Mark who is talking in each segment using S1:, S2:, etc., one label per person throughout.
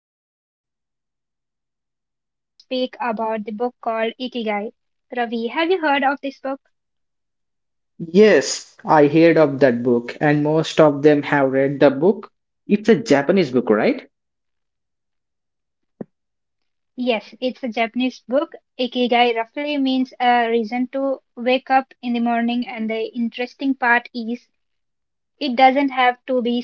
S1: we are here today to speak about the book called Ikigai. Ravi, have you heard of this book?
S2: Yes, I heard of that book, and most of them have read the book. It's a Japanese book, right?
S1: Yes, it's a Japanese book. Ikigai roughly means a reason to wake up in the morning, and the interesting part is it doesn't have to be something big.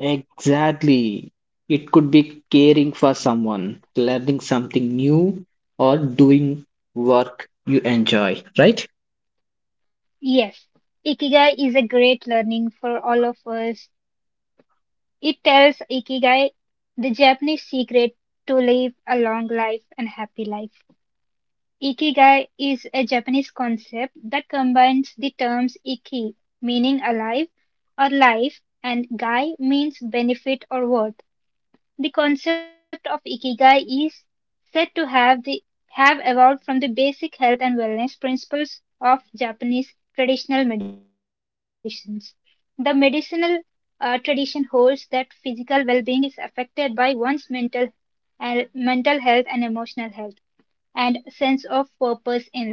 S2: Exactly. It could be caring for someone, learning something new, or doing work you enjoy, right?
S1: Yes, Ikigai is a great learning for all of us. It tells Ikigai, the Japanese secret to live a long life and happy life. Ikigai is a Japanese concept that combines the terms "iki" meaning "alive" or "life" and "gai" means benefit or worth. The concept of ikigai is said to have the have evolved from the basic health and wellness principles of Japanese traditional medicines. The medicinal tradition holds that physical well-being is affected by one's mental health and emotional health and sense of purpose in life.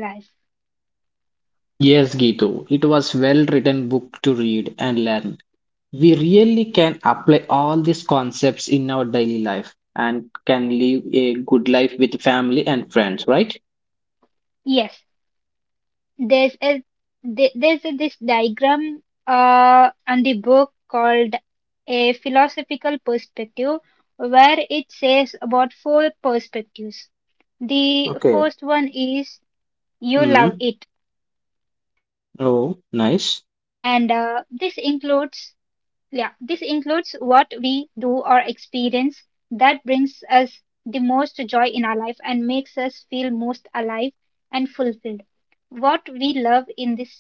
S2: Yes, Gitu. It was well written book to read and learn. We really can apply all these concepts in our daily life and can live a good life with family and friends, right?
S1: Yes, there's a th- there's a, this diagram on the book called a philosophical perspective, where it says about four perspectives. The
S2: Okay.
S1: first one is you love
S2: Mm.
S1: it, and
S2: Oh,
S1: this
S2: nice.
S1: includes Yeah, this includes what we do or experience that brings us the most joy in our life and makes us feel most alive and fulfilled. What we love in this sense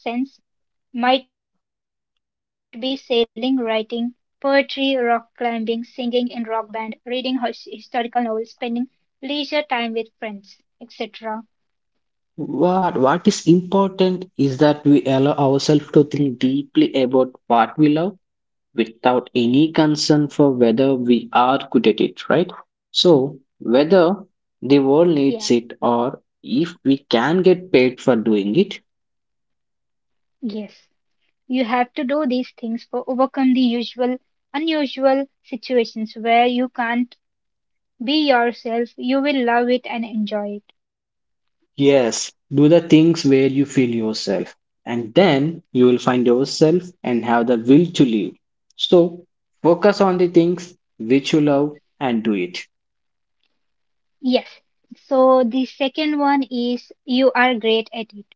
S1: might be sailing, writing, poetry, rock climbing, singing in rock band, reading historical novels, spending leisure time with friends, etc.
S2: What is important is that we allow ourselves to think deeply about what we love without any concern for whether we are good at it, right? So
S1: Yeah,
S2: whether the world needs it or if we can get paid for doing it.
S1: yes. You have to do these things for overcome the usual unusual situations where you can't be yourself. You will love it and enjoy it.
S2: Yes, do the things where you feel yourself, and then you will find yourself and have the will to live. So, focus on the things which you love and do it.
S1: Yes. So the second one is you are great at it.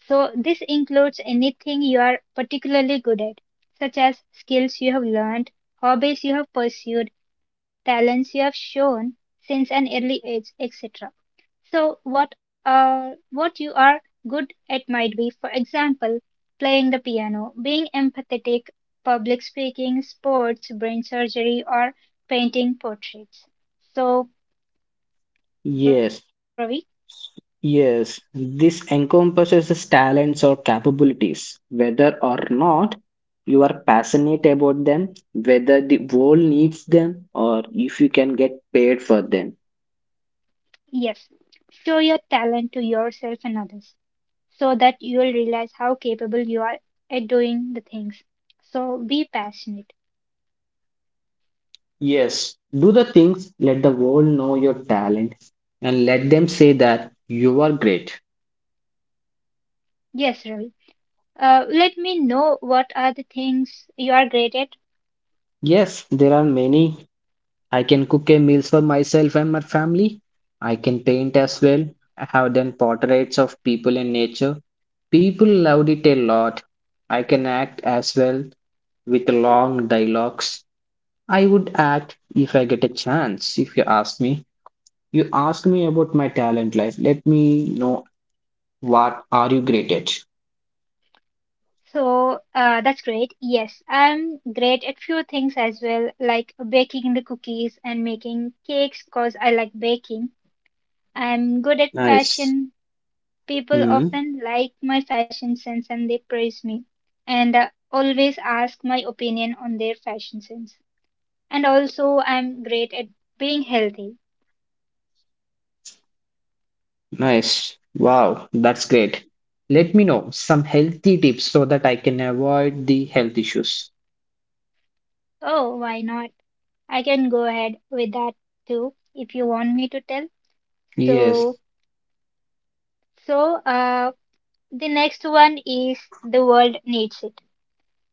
S1: So this includes anything you are particularly good at, such as skills you have learned, hobbies you have pursued, talents you have shown since an early age, etc. So what you are good at might be, for example, playing the piano, being empathetic, public speaking, sports, brain surgery, or painting portraits. So, Ravi,
S2: Yes, yes, this encompasses talents or capabilities, whether or not you are passionate about them, whether the world needs them, or if you can get paid for them.
S1: yes, show your talent to yourself and others so that you'll realize how capable you are at doing the things. So be passionate.
S2: Yes, do the things, let the world know your talent and let them say that you are great.
S1: Yes, Ravi. Let me know what are the things you are great at.
S2: Yes, there are many. I can cook a meals for myself and my family. I can paint as well. I have done portraits of people in nature. People loved it a lot. I can act as well with long dialogues. I would act if I get a chance. If you ask me, you ask me about my talent life. Let me know what are you great at.
S1: So that's great. Yes, I'm great at few things as well, like baking the cookies and making cakes because I like baking. I'm good at
S2: Nice.
S1: fashion. People
S2: Hmm,
S1: often like my fashion sense and they praise me, and always ask my opinion on their fashion sense. And also, I'm great at being healthy.
S2: nice. Wow, that's great. Let me know some healthy tips so that I can avoid the health issues.
S1: Oh, why not? I can go ahead with that too if you want me to tell.
S2: Yes,
S1: So, so uh, The next one is the world needs it.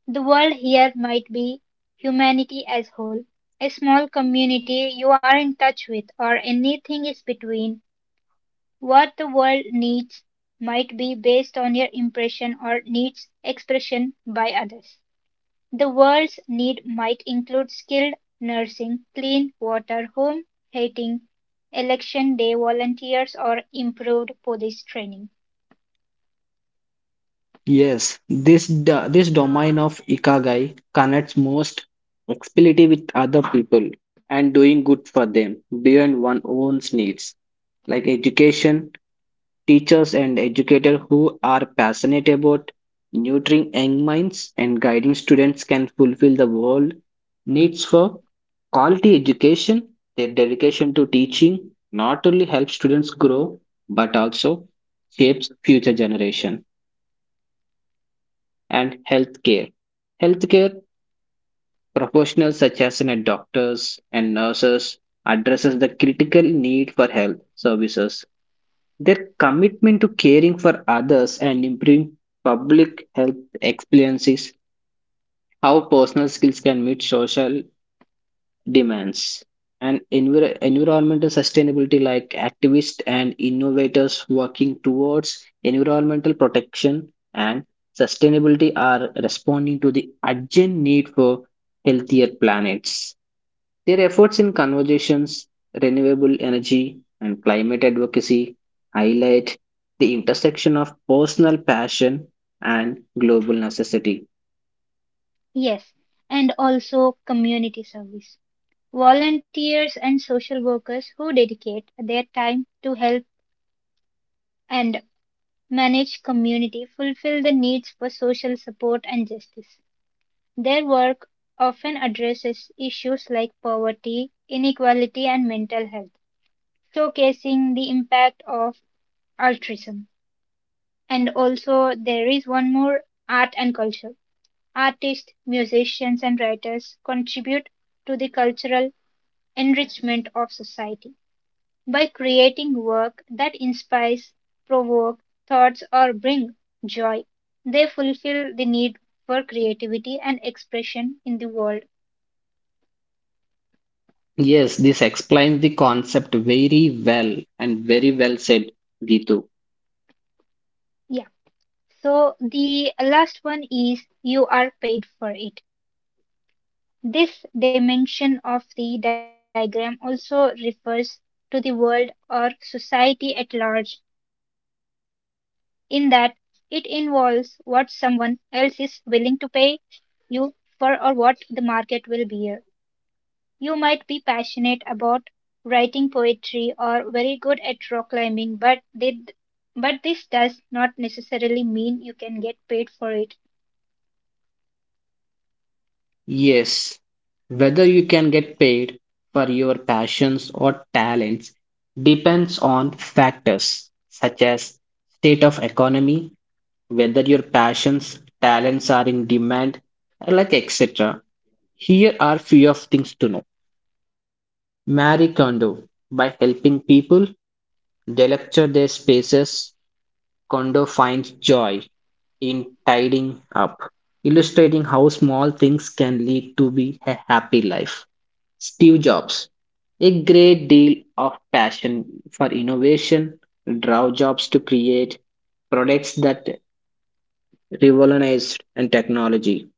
S1: The world here might be humanity as whole, a small community you are in touch with, or anything is between. What the world needs might be based on your impression or needs expression by others. The world's need might include skilled nursing, clean water, home heating, election day volunteers, or improved police training.
S2: yes. This this domain of Ikigai connects most flexibility with other people and doing good for them beyond one's needs, like education, teachers and educators who are passionate about nurturing young minds and guiding students can fulfill the world needs for quality education. Their dedication to teaching not only helps students grow but also shapes future generation and healthcare. Healthcare professionals such as doctors and nurses addresses the critical need for health services. Their commitment to caring for others and improving public health experiences, how personal skills can meet social demands. And environmental sustainability, like activists and innovators working towards environmental protection and sustainability, are responding to the urgent need for healthier planets. Their efforts in conversations, renewable energy, and climate advocacy highlight the intersection of personal passion and global necessity.
S1: Yes, and also community service. Volunteers and social workers who dedicate their time to help and manage community fulfill the needs for social support and justice. Their work often addresses issues like poverty, inequality, and mental health, showcasing the impact of altruism. And also, there is one more art and culture. Artists, musicians, and writers contribute to the cultural enrichment of society by creating work that inspires, provoke thoughts, or bring joy. They fulfill the need for creativity and expression in the world.
S2: Yes, this explains the concept very well and very well said, Gitu.
S1: Yeah. So the last one is you are paid for it. This dimension of the diagram also refers to the world or society at large, in that it involves what someone else is willing to pay you for or what the market will bear. You might be passionate about writing poetry or very good at rock climbing, but this does not necessarily mean you can get paid for it.
S2: Yes, whether you can get paid for your passions or talents depends on factors such as state of economy, whether your passions, talents are in demand, like etc. Here are few of things to know. Marie Kondo, by helping people delecture their spaces, Kondo finds joy in tidying up, illustrating how small things can lead to be a happy life. Steve Jobs, a great deal of passion for innovation, drove Jobs to create products that revolutionized and technology,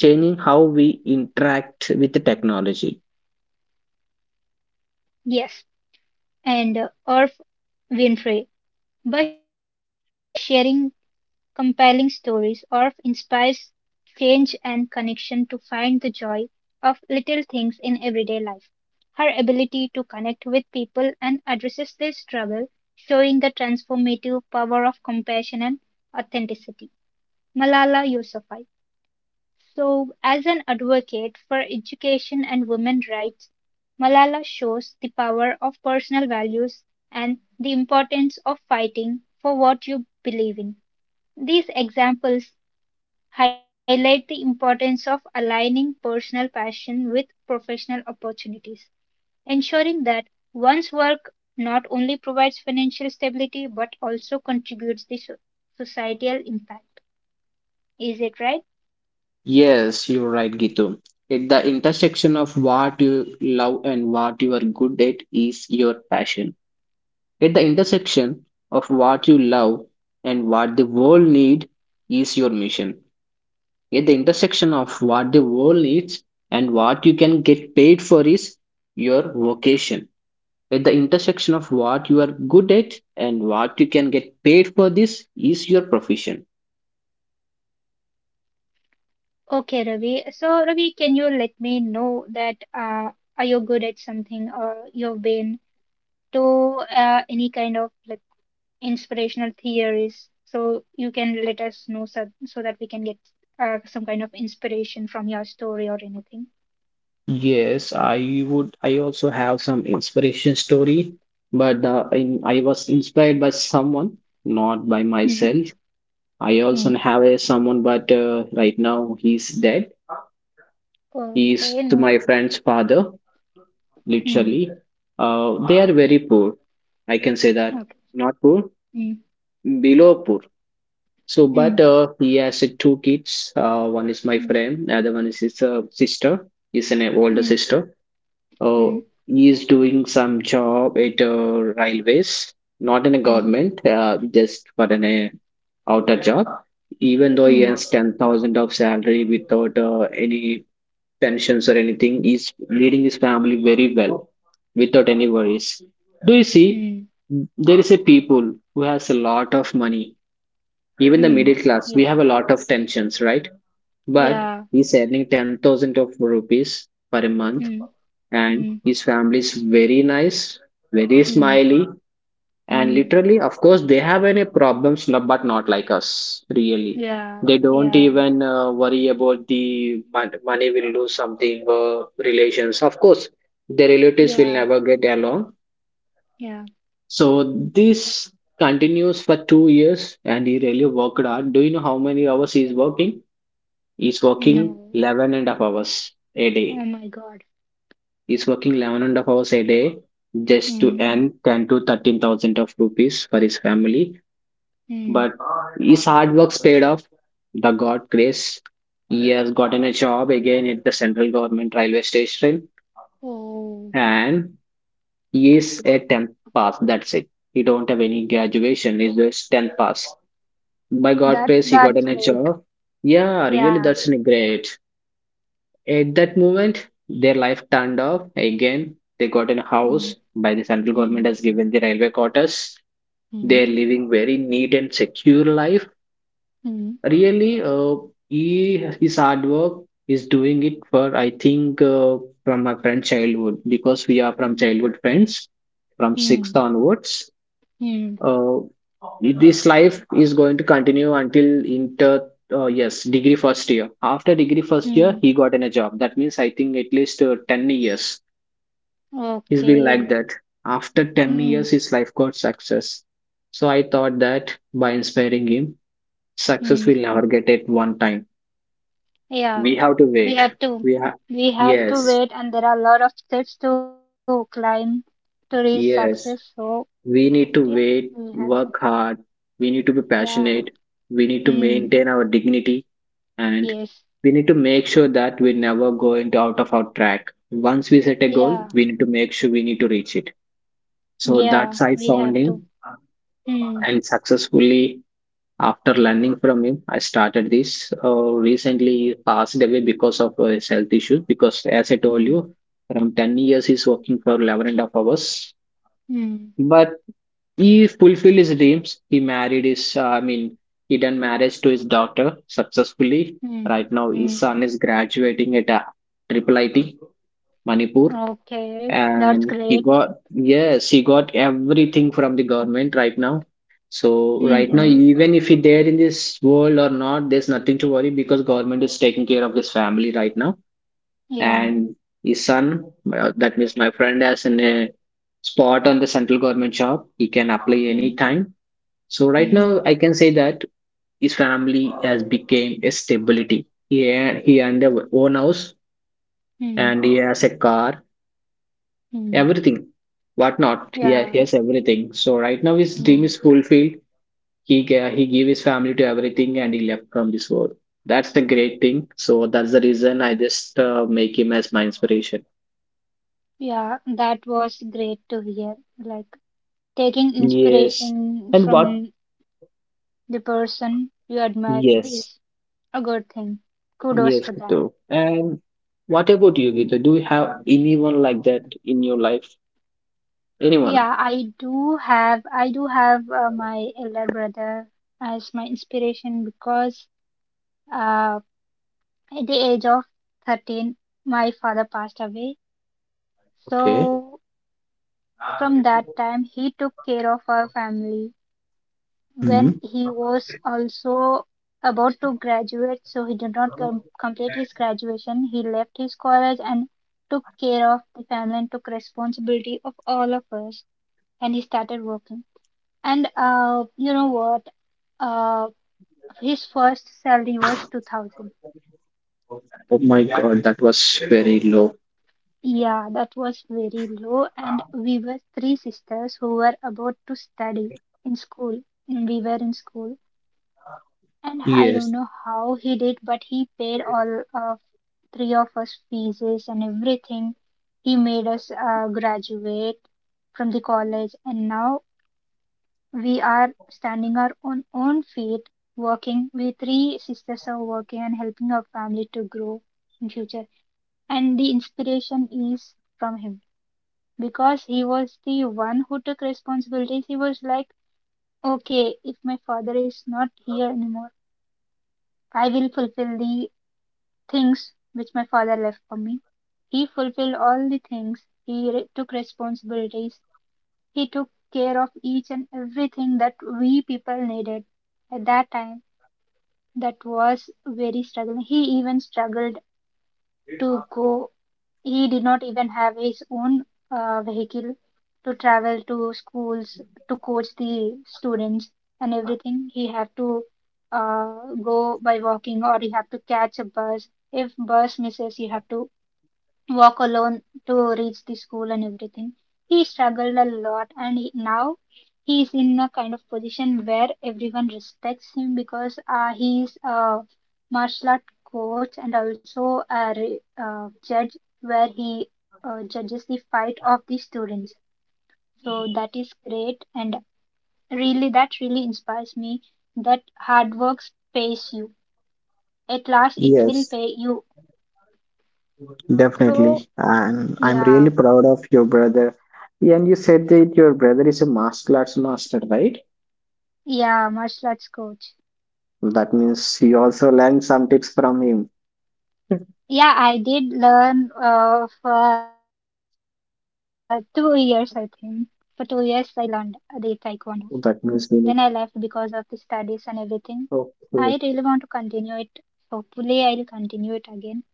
S2: changing how we interact with the technology.
S1: Yes, and Oprah Winfrey. By sharing compelling stories of inspires change and connection to find the joy of little things in everyday life. Her ability to connect with people and addresses their struggle, showing the transformative power of compassion and authenticity. Malala Yousafzai, so, as an advocate for education and women's rights, Malala shows the power of personal values and the importance of fighting for what you believe in. These examples highlight the importance of aligning personal passion with professional opportunities, ensuring that one's work not only provides financial stability but also contributes to societal impact. Is it right?
S2: Yes, you're right, Gitu. At the intersection of what you love and what you are good at is your passion. At the intersection of what you love and what the world needs is your mission. At the intersection of what the world needs and what you can get paid for is your vocation. At the intersection of what you are good at and what you can get paid for, this is your profession.
S1: Okay, Ravi. So, Ravi, can you let me know that are you good at something or you've been to any kind of like inspirational theories? So you can let us know, so that we can get some kind of inspiration from your story or anything.
S2: Yes, I would. I also have some inspiration story, but I was inspired by someone, not by myself.
S1: Hmm.
S2: I also have
S1: Hmm.
S2: a someone, but right now he's dead. He's
S1: Okay.
S2: my
S1: No.
S2: friend's father, literally.
S1: Hmm.
S2: They are very poor. I can say that
S1: Okay.
S2: not poor,
S1: Hmm.
S2: below poor. So,
S1: Hmm.
S2: but he has two kids. One is my
S1: Hmm.
S2: friend, the other one is his sister. He's an older
S1: Hmm.
S2: sister. Uh,
S1: Hmm.
S2: he is doing some job at railways, not in a
S1: Hmm.
S2: government, just for an outer job. Even though he
S1: Hmm.
S2: has 10,000 of salary without any pensions or anything, he's leading his family very well without any worries. Do you see?
S1: Hmm.
S2: There is a people who has a lot of money. Even the
S1: Hmm.
S2: middle class, we
S1: Yes.
S2: have a lot of tensions, right? But
S1: Yeah.
S2: he's earning 10,000 of rupees per month
S1: Hmm.
S2: and
S1: Hmm.
S2: his family is very nice, very
S1: Hmm.
S2: smiley, and
S1: Hmm.
S2: literally, of course, they have any problems, but not like us, really.
S1: Yeah,
S2: They don't
S1: yeah,
S2: even worry about the money will do something, relations. Of course, their relatives will
S1: yeah,
S2: never get along.
S1: yeah.
S2: So this continues for 2 years, and he really worked hard. Do you know how many hours he's working? He's working
S1: No.
S2: 11 and a half hours a day
S1: Oh my God.
S2: is working 11 and a half hours a day just to
S1: Mm,
S2: earn 10 to 13,000 of rupees for his family.
S1: mm.
S2: But his hard work's paid off. The God grace. He has gotten a job again at the central government railway station,
S1: Oh,
S2: and he is a 10th pass. That's it. He don't have any graduation. He's just 10th pass. By God
S1: that
S2: grace, he
S1: that's
S2: gotten a
S1: great.
S2: job. Yeah, really,
S1: Yeah.
S2: that's great. At that moment, their life turned off again. They got a house
S1: Mm,
S2: by the central government
S1: mm,
S2: has given the railway quarters.
S1: mm,
S2: They're living very neat and secure life.
S1: mm,
S2: Really, he his hard work is doing it for I think from my friend childhood because we are from
S1: mm,
S2: childhood friends from
S1: mm,
S2: sixth onwards.
S1: mm,
S2: uh, this life is going to continue until inter, yes, degree first year. After degree first year
S1: mm.
S2: he got in a job. That means I think at least 10 years he's been like
S1: Okay.
S2: that. After 10
S1: Mm,
S2: years his life got success. So I thought that by inspiring him, success
S1: mm.
S2: will never get at one time.
S1: Yeah,
S2: We have to
S1: we
S2: wait.
S1: have to
S2: We have
S1: we have to
S2: Yes,
S1: wait, and there are a lot of steps to climb to reach success.
S2: yes.
S1: So
S2: We
S1: yeah,
S2: need to
S1: we
S2: wait,
S1: have to.
S2: work hard. We need to be
S1: Yeah.
S2: passionate. We need to
S1: Mm.
S2: maintain our dignity, and
S1: Yes.
S2: we need to make sure that we never go into out of our track. Once we set a goal,
S1: Yeah.
S2: we need to make sure, we need to reach it. So
S1: Yeah.
S2: that's I
S1: We have
S2: found him,
S1: to. Hmm.
S2: and successfully after learning from him I started this. Recently he passed away because of his health issues, because as I told
S1: Hmm.
S2: you from 10 years he's working for 11 and a half hours.
S1: Hmm.
S2: But he fulfilled his dreams. He married his, I mean, he done marriage to his daughter successfully.
S1: Hmm.
S2: Right now, his
S1: Hmm.
S2: son is graduating at a triple IT, Manipur.
S1: Okay, that's
S2: And he
S1: great.
S2: got, yes, he got everything from the government right now. So right now,
S1: Mm-hmm.
S2: even if he there in this world or not, there's nothing to worry because government is taking care of his family right now.
S1: Yeah.
S2: And his son, that means my friend, has a spot on the central government job. He can apply
S1: Hmm.
S2: anytime. So right now,
S1: Hmm.
S2: I can say that his family has became a stability. He owned a own house
S1: Hmm.
S2: and he has a car,
S1: Hmm.
S2: everything, what not. He
S1: Yeah.
S2: has everything. So right now, his dream
S1: Hmm.
S2: is fulfilled. He gave his family to everything and he left from this world. That's the great thing. So that's the reason I just make him as my inspiration.
S1: Yeah, that was great to hear. Like taking
S2: Yes, and what?
S1: inspiration from the person you admire
S2: Yes,
S1: is a good thing.
S2: yes,
S1: Kudos for
S2: Ritu.
S1: that.
S2: And what about you, Gita? Do you have anyone like that in your life? Anyone?
S1: Yeah, I do have my elder brother as my inspiration because uh at the age of 13, my father passed away.
S2: Okay.
S1: So, from that time, he took care of our family. When
S2: Mhm.
S1: he was also about to graduate, so he did not complete his graduation, he left his college and took care of the family and took responsibility of all of us. And he started working. And you know what? Uh, his first salary was 2000.
S2: Oh my god, that was very low.
S1: Yeah, that was very low, and we were three sisters who were about to study in school. Mm. We were in school, and I don't
S2: Yes.
S1: know how he did, but he paid all of three of us fees and everything. He made us graduate from the college, and now we are standing our own feet, working. We three sisters are working and helping our family to grow in future, and the inspiration is from him because he was the one who took responsibilities. He was like, okay, if my father is not here anymore, I will fulfill the things which my father left for me. He fulfilled all the things, he took responsibilities, he took care of each and everything that we people needed at that time. That was very struggling. He even struggled to go. He did not even have his own vehicle to travel to schools to coach the students and everything. He had to go by walking or he had to catch a bus. If bus misses, you have to walk alone to reach the school and everything. He struggled a lot, and he, now he is in a kind of position where everyone respects him because he is a martial art coach and also a judge where he judges the fight of the students. So that is great, and really that really inspires me that hard work pays you. At last, it will
S2: Yes,
S1: pay you.
S2: definitely.
S1: So
S2: And I'm really
S1: yeah,
S2: proud of your brother. Yeah. And you said that your brother is a martial arts master, right?
S1: yeah, martial arts coach.
S2: That means you also learned some tips from him.
S1: Yeah, I did learn for 2 years, I think. For 2 years, I learned the Taekwondo. Then
S2: That
S1: I
S2: means we
S1: left
S2: need.
S1: because of the studies and everything. I really
S2: Okay.
S1: want to continue it. Hopefully, I'll continue it again.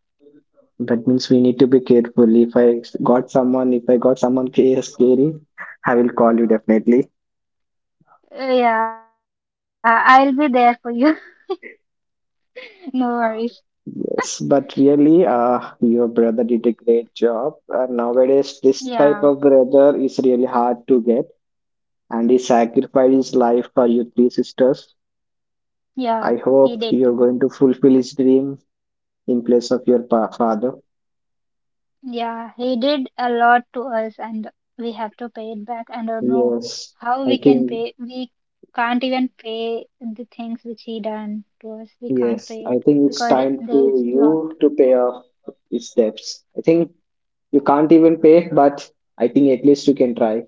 S2: That means we need to be careful. If I got someone scary, I will call you definitely.
S1: Yeah, I'll be there for you. No worries.
S2: Yes, but really, your brother did a great job. Nowadays, this type of
S1: Yeah,
S2: brother is really hard to get, and he sacrificed his life for your three sisters. I
S1: yeah,
S2: hope
S1: he
S2: you're
S1: did.
S2: going to fulfill his dream in place of your father.
S1: Yeah, he did a lot to us and we have to pay it back. I don't know
S2: Yes,
S1: how
S2: I
S1: we can
S2: think,
S1: pay. We can't even pay the things which he done to us. We can't
S2: yes,
S1: pay
S2: I
S1: it
S2: think it's
S1: because
S2: time to
S1: there is lot.
S2: you to pay off his debts. I think you can't even pay, but I think at least you can try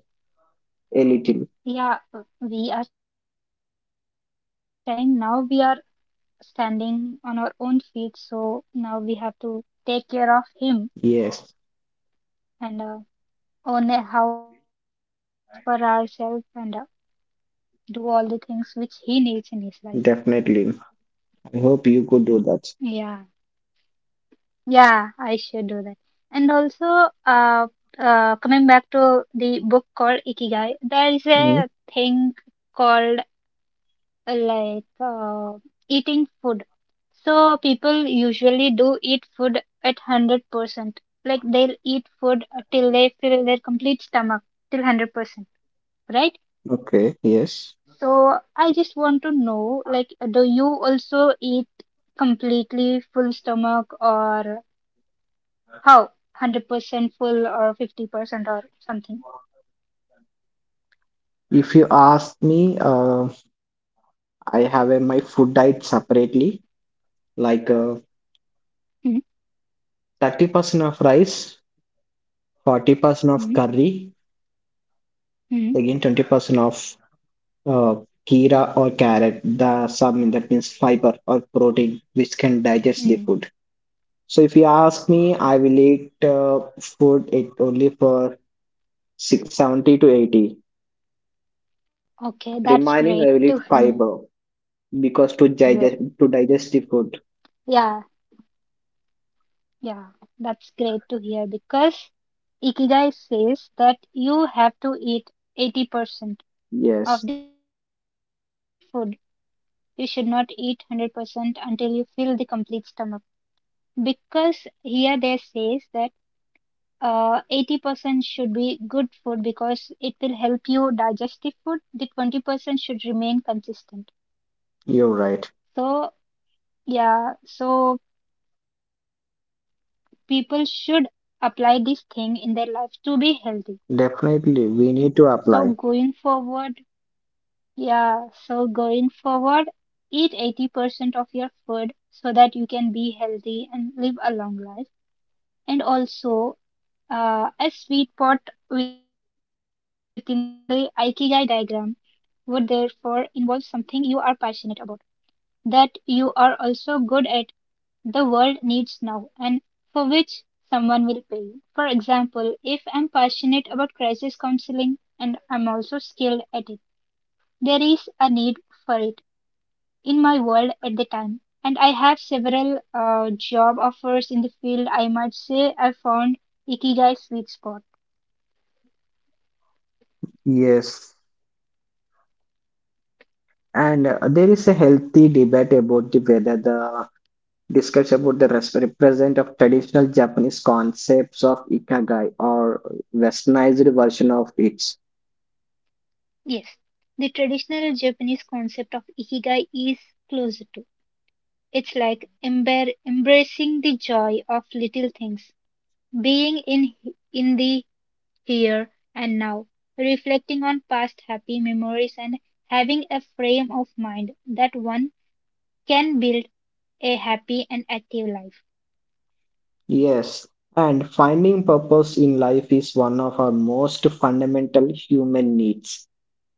S2: a little.
S1: Yeah, we are trying. Now we are standing on our own feet, so now we have to take care of him
S2: Yes,
S1: and own a house for ourselves and do all the things which he needs in his life.
S2: definitely. I hope you could
S1: Yeah.
S2: do that.
S1: Yeah, I should do that. And also, coming back to the book called Ikigai, there is a thing called uh, like uh, eating food. So people usually do eat food at 100%. Like they'll eat food till they fill their complete stomach, till 100%, right?
S2: Okay, yes.
S1: So I just want to know, like, do you also eat completely full stomach or how? 100% full or 50% or something.
S2: If you ask me, I have my food diet separately, like
S1: Hmm.
S2: 30% of rice,
S1: Hmm.
S2: 40% of curry,
S1: Hmm.
S2: again 20% of uh, kira or carrot, the some that means fiber or protein which can digest the
S1: Hmm.
S2: food. So if you ask me, I will eat food it only for six 70 to 80.
S1: Okay, that's great
S2: Remaining, I will
S1: to
S2: eat
S1: hear.
S2: fiber because to digest to
S1: Yeah.
S2: digest the food.
S1: Yeah. That's great to hear because Ikigai says that you have to eat 80% of the
S2: Yes,
S1: food. You should not eat 100% until you fill the complete stomach. Because here there says that 80% should be good food because it will help you digest the food. The 20% should remain consistent.
S2: you're
S1: So,
S2: right.
S1: yeah, so people should apply this thing in their life to be healthy. So,
S2: Definitely, we
S1: going
S2: need to
S1: forward,
S2: apply.
S1: yeah, so going forward, eat 80% of your food so that you can be healthy and live a long life. And also, a sweet spot within the Ikigai diagram would therefore involve something you are passionate about, that you are also good at, the world needs now, and for which someone will pay you. For example, if I'm passionate about crisis counseling and I'm also skilled at it, there is a need for it in my world at the time. And I have several job offers in the field. I might say I found Ikigai sweet spot.
S2: Yes, and there is a healthy debate about the whether the discussion about the represent of traditional Japanese concepts of ikigai or westernized version of it.
S1: Yes, the traditional Japanese concept of ikigai is closer to. It's like embracing the joy of little things, being in the here and now, reflecting on past happy memories and having a frame of mind that one can build a happy and active life.
S2: Yes, and finding purpose in life is one of our most fundamental human needs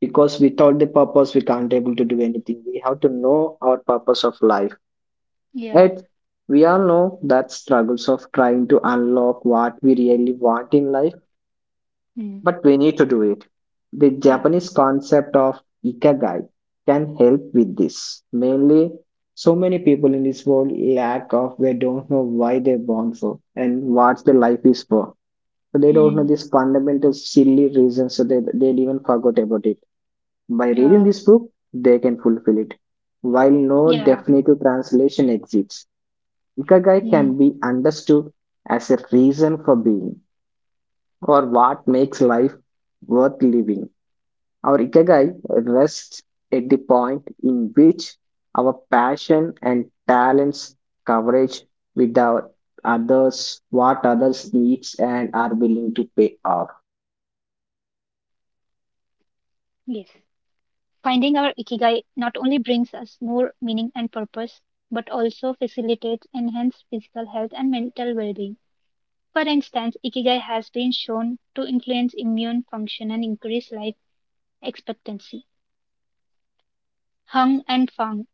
S2: because without the purpose we can't able to do anything. We have to know our purpose of life.
S1: Yeah.
S2: Yet, we all know that struggles of trying to unlock what we really want in life,
S1: Hmm.
S2: but we need to do it. The
S1: Yeah.
S2: Japanese concept of ikigai can help with this. Mainly, so many people in this world lack of they don't know why they're born for and what their life is for. So they don't
S1: Hmm.
S2: know this fundamental silly reason. So they even forgot about it. By reading
S1: Yeah.
S2: this book, they can fulfill it. While no
S1: Yeah.
S2: definitive translation exists, ikigai
S1: Hmm.
S2: can be understood as a reason for being or what makes life worth living. Our ikigai rests at the point in which our passion and talents coverage with our others, what others needs and are willing to pay off.
S1: Yes. Finding our ikigai not only brings us more meaning and purpose, but also facilitates enhanced physical health and mental well being. For instance, ikigai has been shown to influence immune function and increase life expectancy, hung and fang,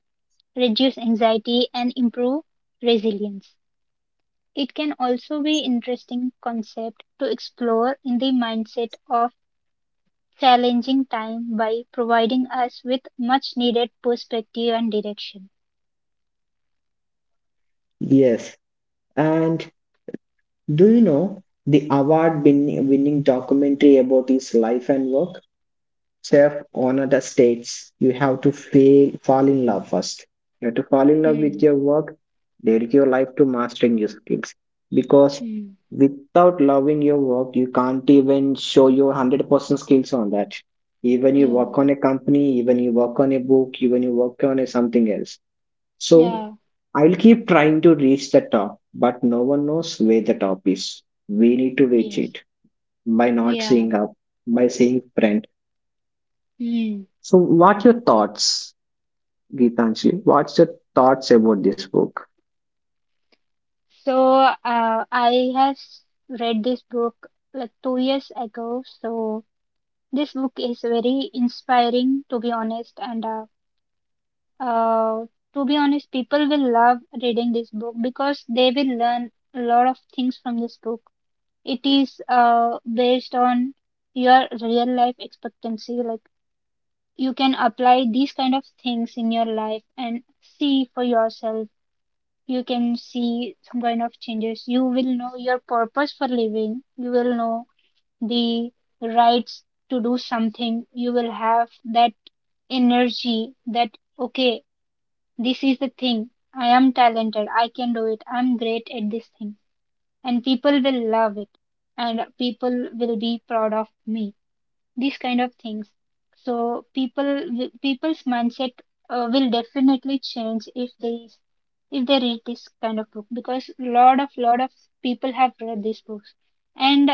S1: reduce anxiety, and improve resilience. It can also be an interesting concept to explore in the mindset of challenging time by providing us with much needed perspective and direction.
S2: Yes, and do you know the award winning documentary about his life and work? Chef Onoda states you have to fail, fall in love first. You have to fall in love
S1: Hmm.
S2: with your work, dedicate your life to mastering your skills. Because
S1: Hmm.
S2: without loving your work, you can't even show your 100% skills on that. Even you
S1: Yeah.
S2: work on a company, even you work on a book, even you work on a something else. So
S1: Yeah.
S2: I'll keep trying to reach the top, but no one knows where the top is. We need to reach
S1: Yes.
S2: it by not
S1: Yeah.
S2: seeing up, by seeing friend.
S1: Hmm.
S2: So, what your thoughts, Geetanjali? What's your thoughts about this book?
S1: So, read this book like 2 years ago. So, this book is very inspiring, to be honest. And uh, to be honest, people will love reading this book because they will learn a lot of things from this book. It is based on your real life expectancy. Like you can apply these kind of things in your life and see for yourself. You can see some kind of changes. You will know your purpose for living. You will know the rights to do something. You will have that energy that, okay, this is the thing. I am talented. I can do it. I'm great at this thing and people will love it and people will be proud of me, these kind of things. So people people's mindset will definitely change if they read this kind of book, because lot of people have read these books. And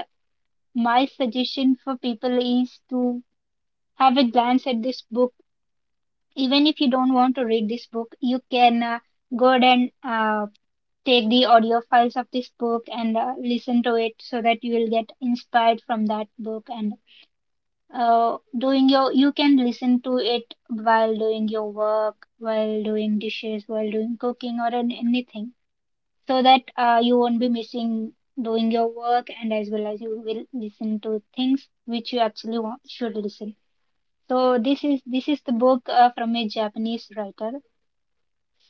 S1: my suggestion for people is to have a glance at this book. Even if you don't want to read this book, you can go ahead and take the audio files of this book and listen to it so that you will get inspired from that book. And doing your you can listen to it while doing your work, while doing dishes, while doing cooking or anything, so that you won't be missing doing your work, and as well as you will listen to things which you actually want, should listen. So this is the book from a Japanese writer.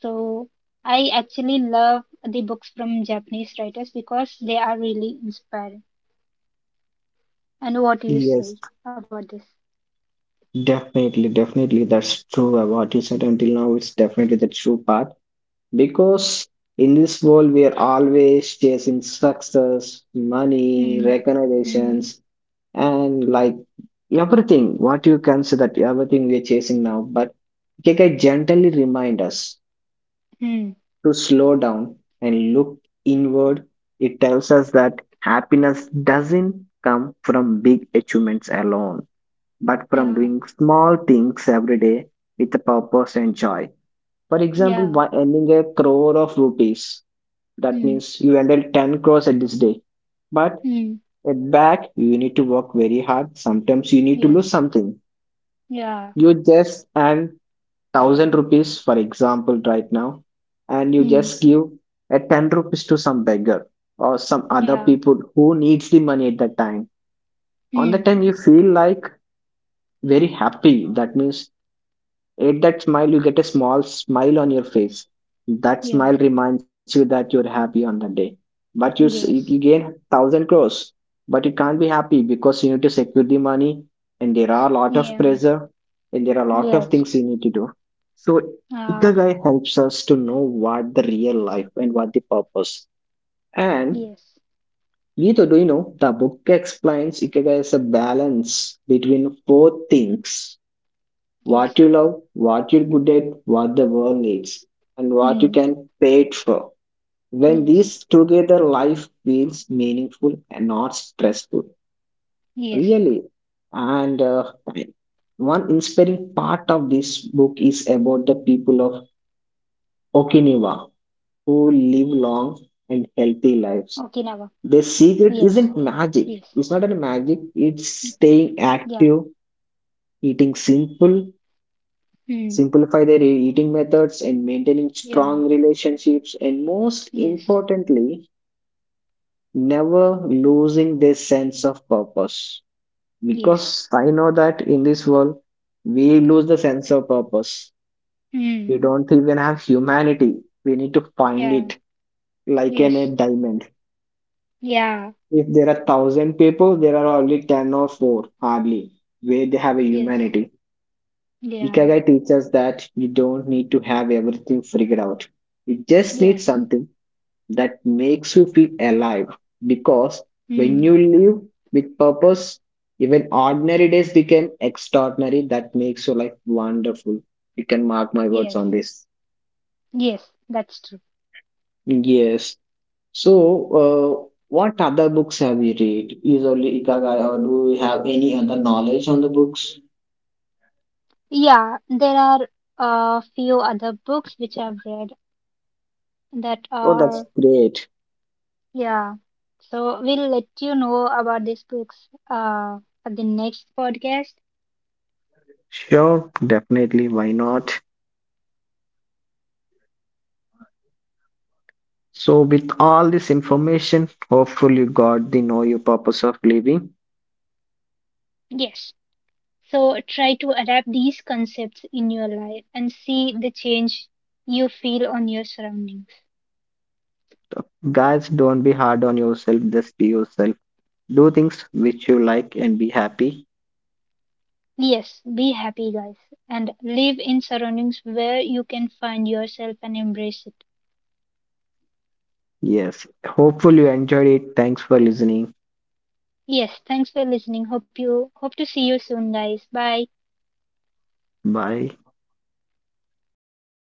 S1: So I actually love the books from Japanese writers because they are really inspiring. And what do you
S2: Yes,
S1: say about this?
S2: definitely, definitely. That's true. What you said until now, it's definitely the true path because in this world, we are always chasing success, money,
S1: Mm, mm,
S2: recognitions, and like everything. What you can say that everything we are chasing now, but Keke gently remind us
S1: mm,
S2: to slow down and look inward. It tells us that happiness doesn't come from big achievements alone, but from
S1: yeah,
S2: doing small things every day with a purpose and joy. For example,
S1: yeah,
S2: by earning a crore of rupees, that
S1: mm,
S2: means you ended 10 crores at this day. But
S1: mm,
S2: at back, you need to work very hard. Sometimes you need to
S1: yes,
S2: lose something.
S1: yeah,
S2: You just earn 1,000 rupees, for example, right now, and you
S1: mm,
S2: just give a 10 rupees to some beggar or some other
S1: yeah,
S2: people who needs the money at that time. On that
S1: mm,
S2: time, you feel like very happy. That means at that smile, you get a small smile on your face. That
S1: yeah,
S2: smile reminds you that you're happy on the day. But you, you
S1: yes,
S2: gain 1,000 crores, but you can't be happy because you need to secure the money, and there are a lot of
S1: yeah,
S2: pressure, and there are a lot of
S1: yes,
S2: things you need to do. So
S1: ah,
S2: ikigai helps us to know what the real life and what the purpose. And
S1: yes,
S2: Gita, do you know the book explains ikigai is a balance between four things: what
S1: yes,
S2: you love, what you're good at, what the world needs, and what you
S1: mm,
S2: can pay it for. When
S1: yes,
S2: these together, life feels meaningful and not stressful.
S1: yes,
S2: Really. And One inspiring part of this book is about the people of Okinawa who live long
S1: Okinawa,
S2: and healthy
S1: yes,
S2: lives. Their
S1: yes,
S2: secret isn't magic. It's not a magic.
S1: mm,
S2: It's staying
S1: yeah,
S2: active, eating simple,
S1: mm,
S2: simplify their eating methods and maintaining
S1: yeah,
S2: strong relationships, and most
S1: yes,
S2: importantly never losing their sense of purpose,
S1: yes.
S2: because I know that in this world we lose the sense of purpose,
S1: Mm,
S2: we don't even have humanity, we need to find
S1: yeah,
S2: it. Like in a
S1: yes,
S2: diamond,
S1: yeah,
S2: if there are 1,000 people, there are only 10 or 4 hardly where they have a
S1: yes,
S2: humanity.
S1: yeah,
S2: Ikigai teaches that you don't need to have everything figured out, you just need
S1: yes,
S2: something that makes you feel alive, because when
S1: mm,
S2: you live with purpose, even ordinary days become extraordinary. That makes your life wonderful. You can mark my words
S1: yes,
S2: on this.
S1: yes, that's true.
S2: Yes. So, what other books have you read? Is only ikigai or do you have any other knowledge on the books?
S1: Yeah, there are a few other books which I've read that
S2: Oh, that's
S1: are,
S2: great.
S1: yeah, so we'll let you know about these books at the next podcast.
S2: Sure, definitely. Why not? So, with all this information, hopefully, you got the know your purpose of living.
S1: Yes, so try to adapt these concepts in your life and see the change you feel on your surroundings.
S2: Guys, don't be hard on yourself, just be yourself. Do things which you like and be happy.
S1: Yes, be happy, guys, and live in surroundings where you can find yourself and embrace it.
S2: Yes. Hopefully you enjoyed it. Thanks for listening.
S1: Yes, thanks for listening. Hope to see you soon, guys. Bye.
S2: Bye.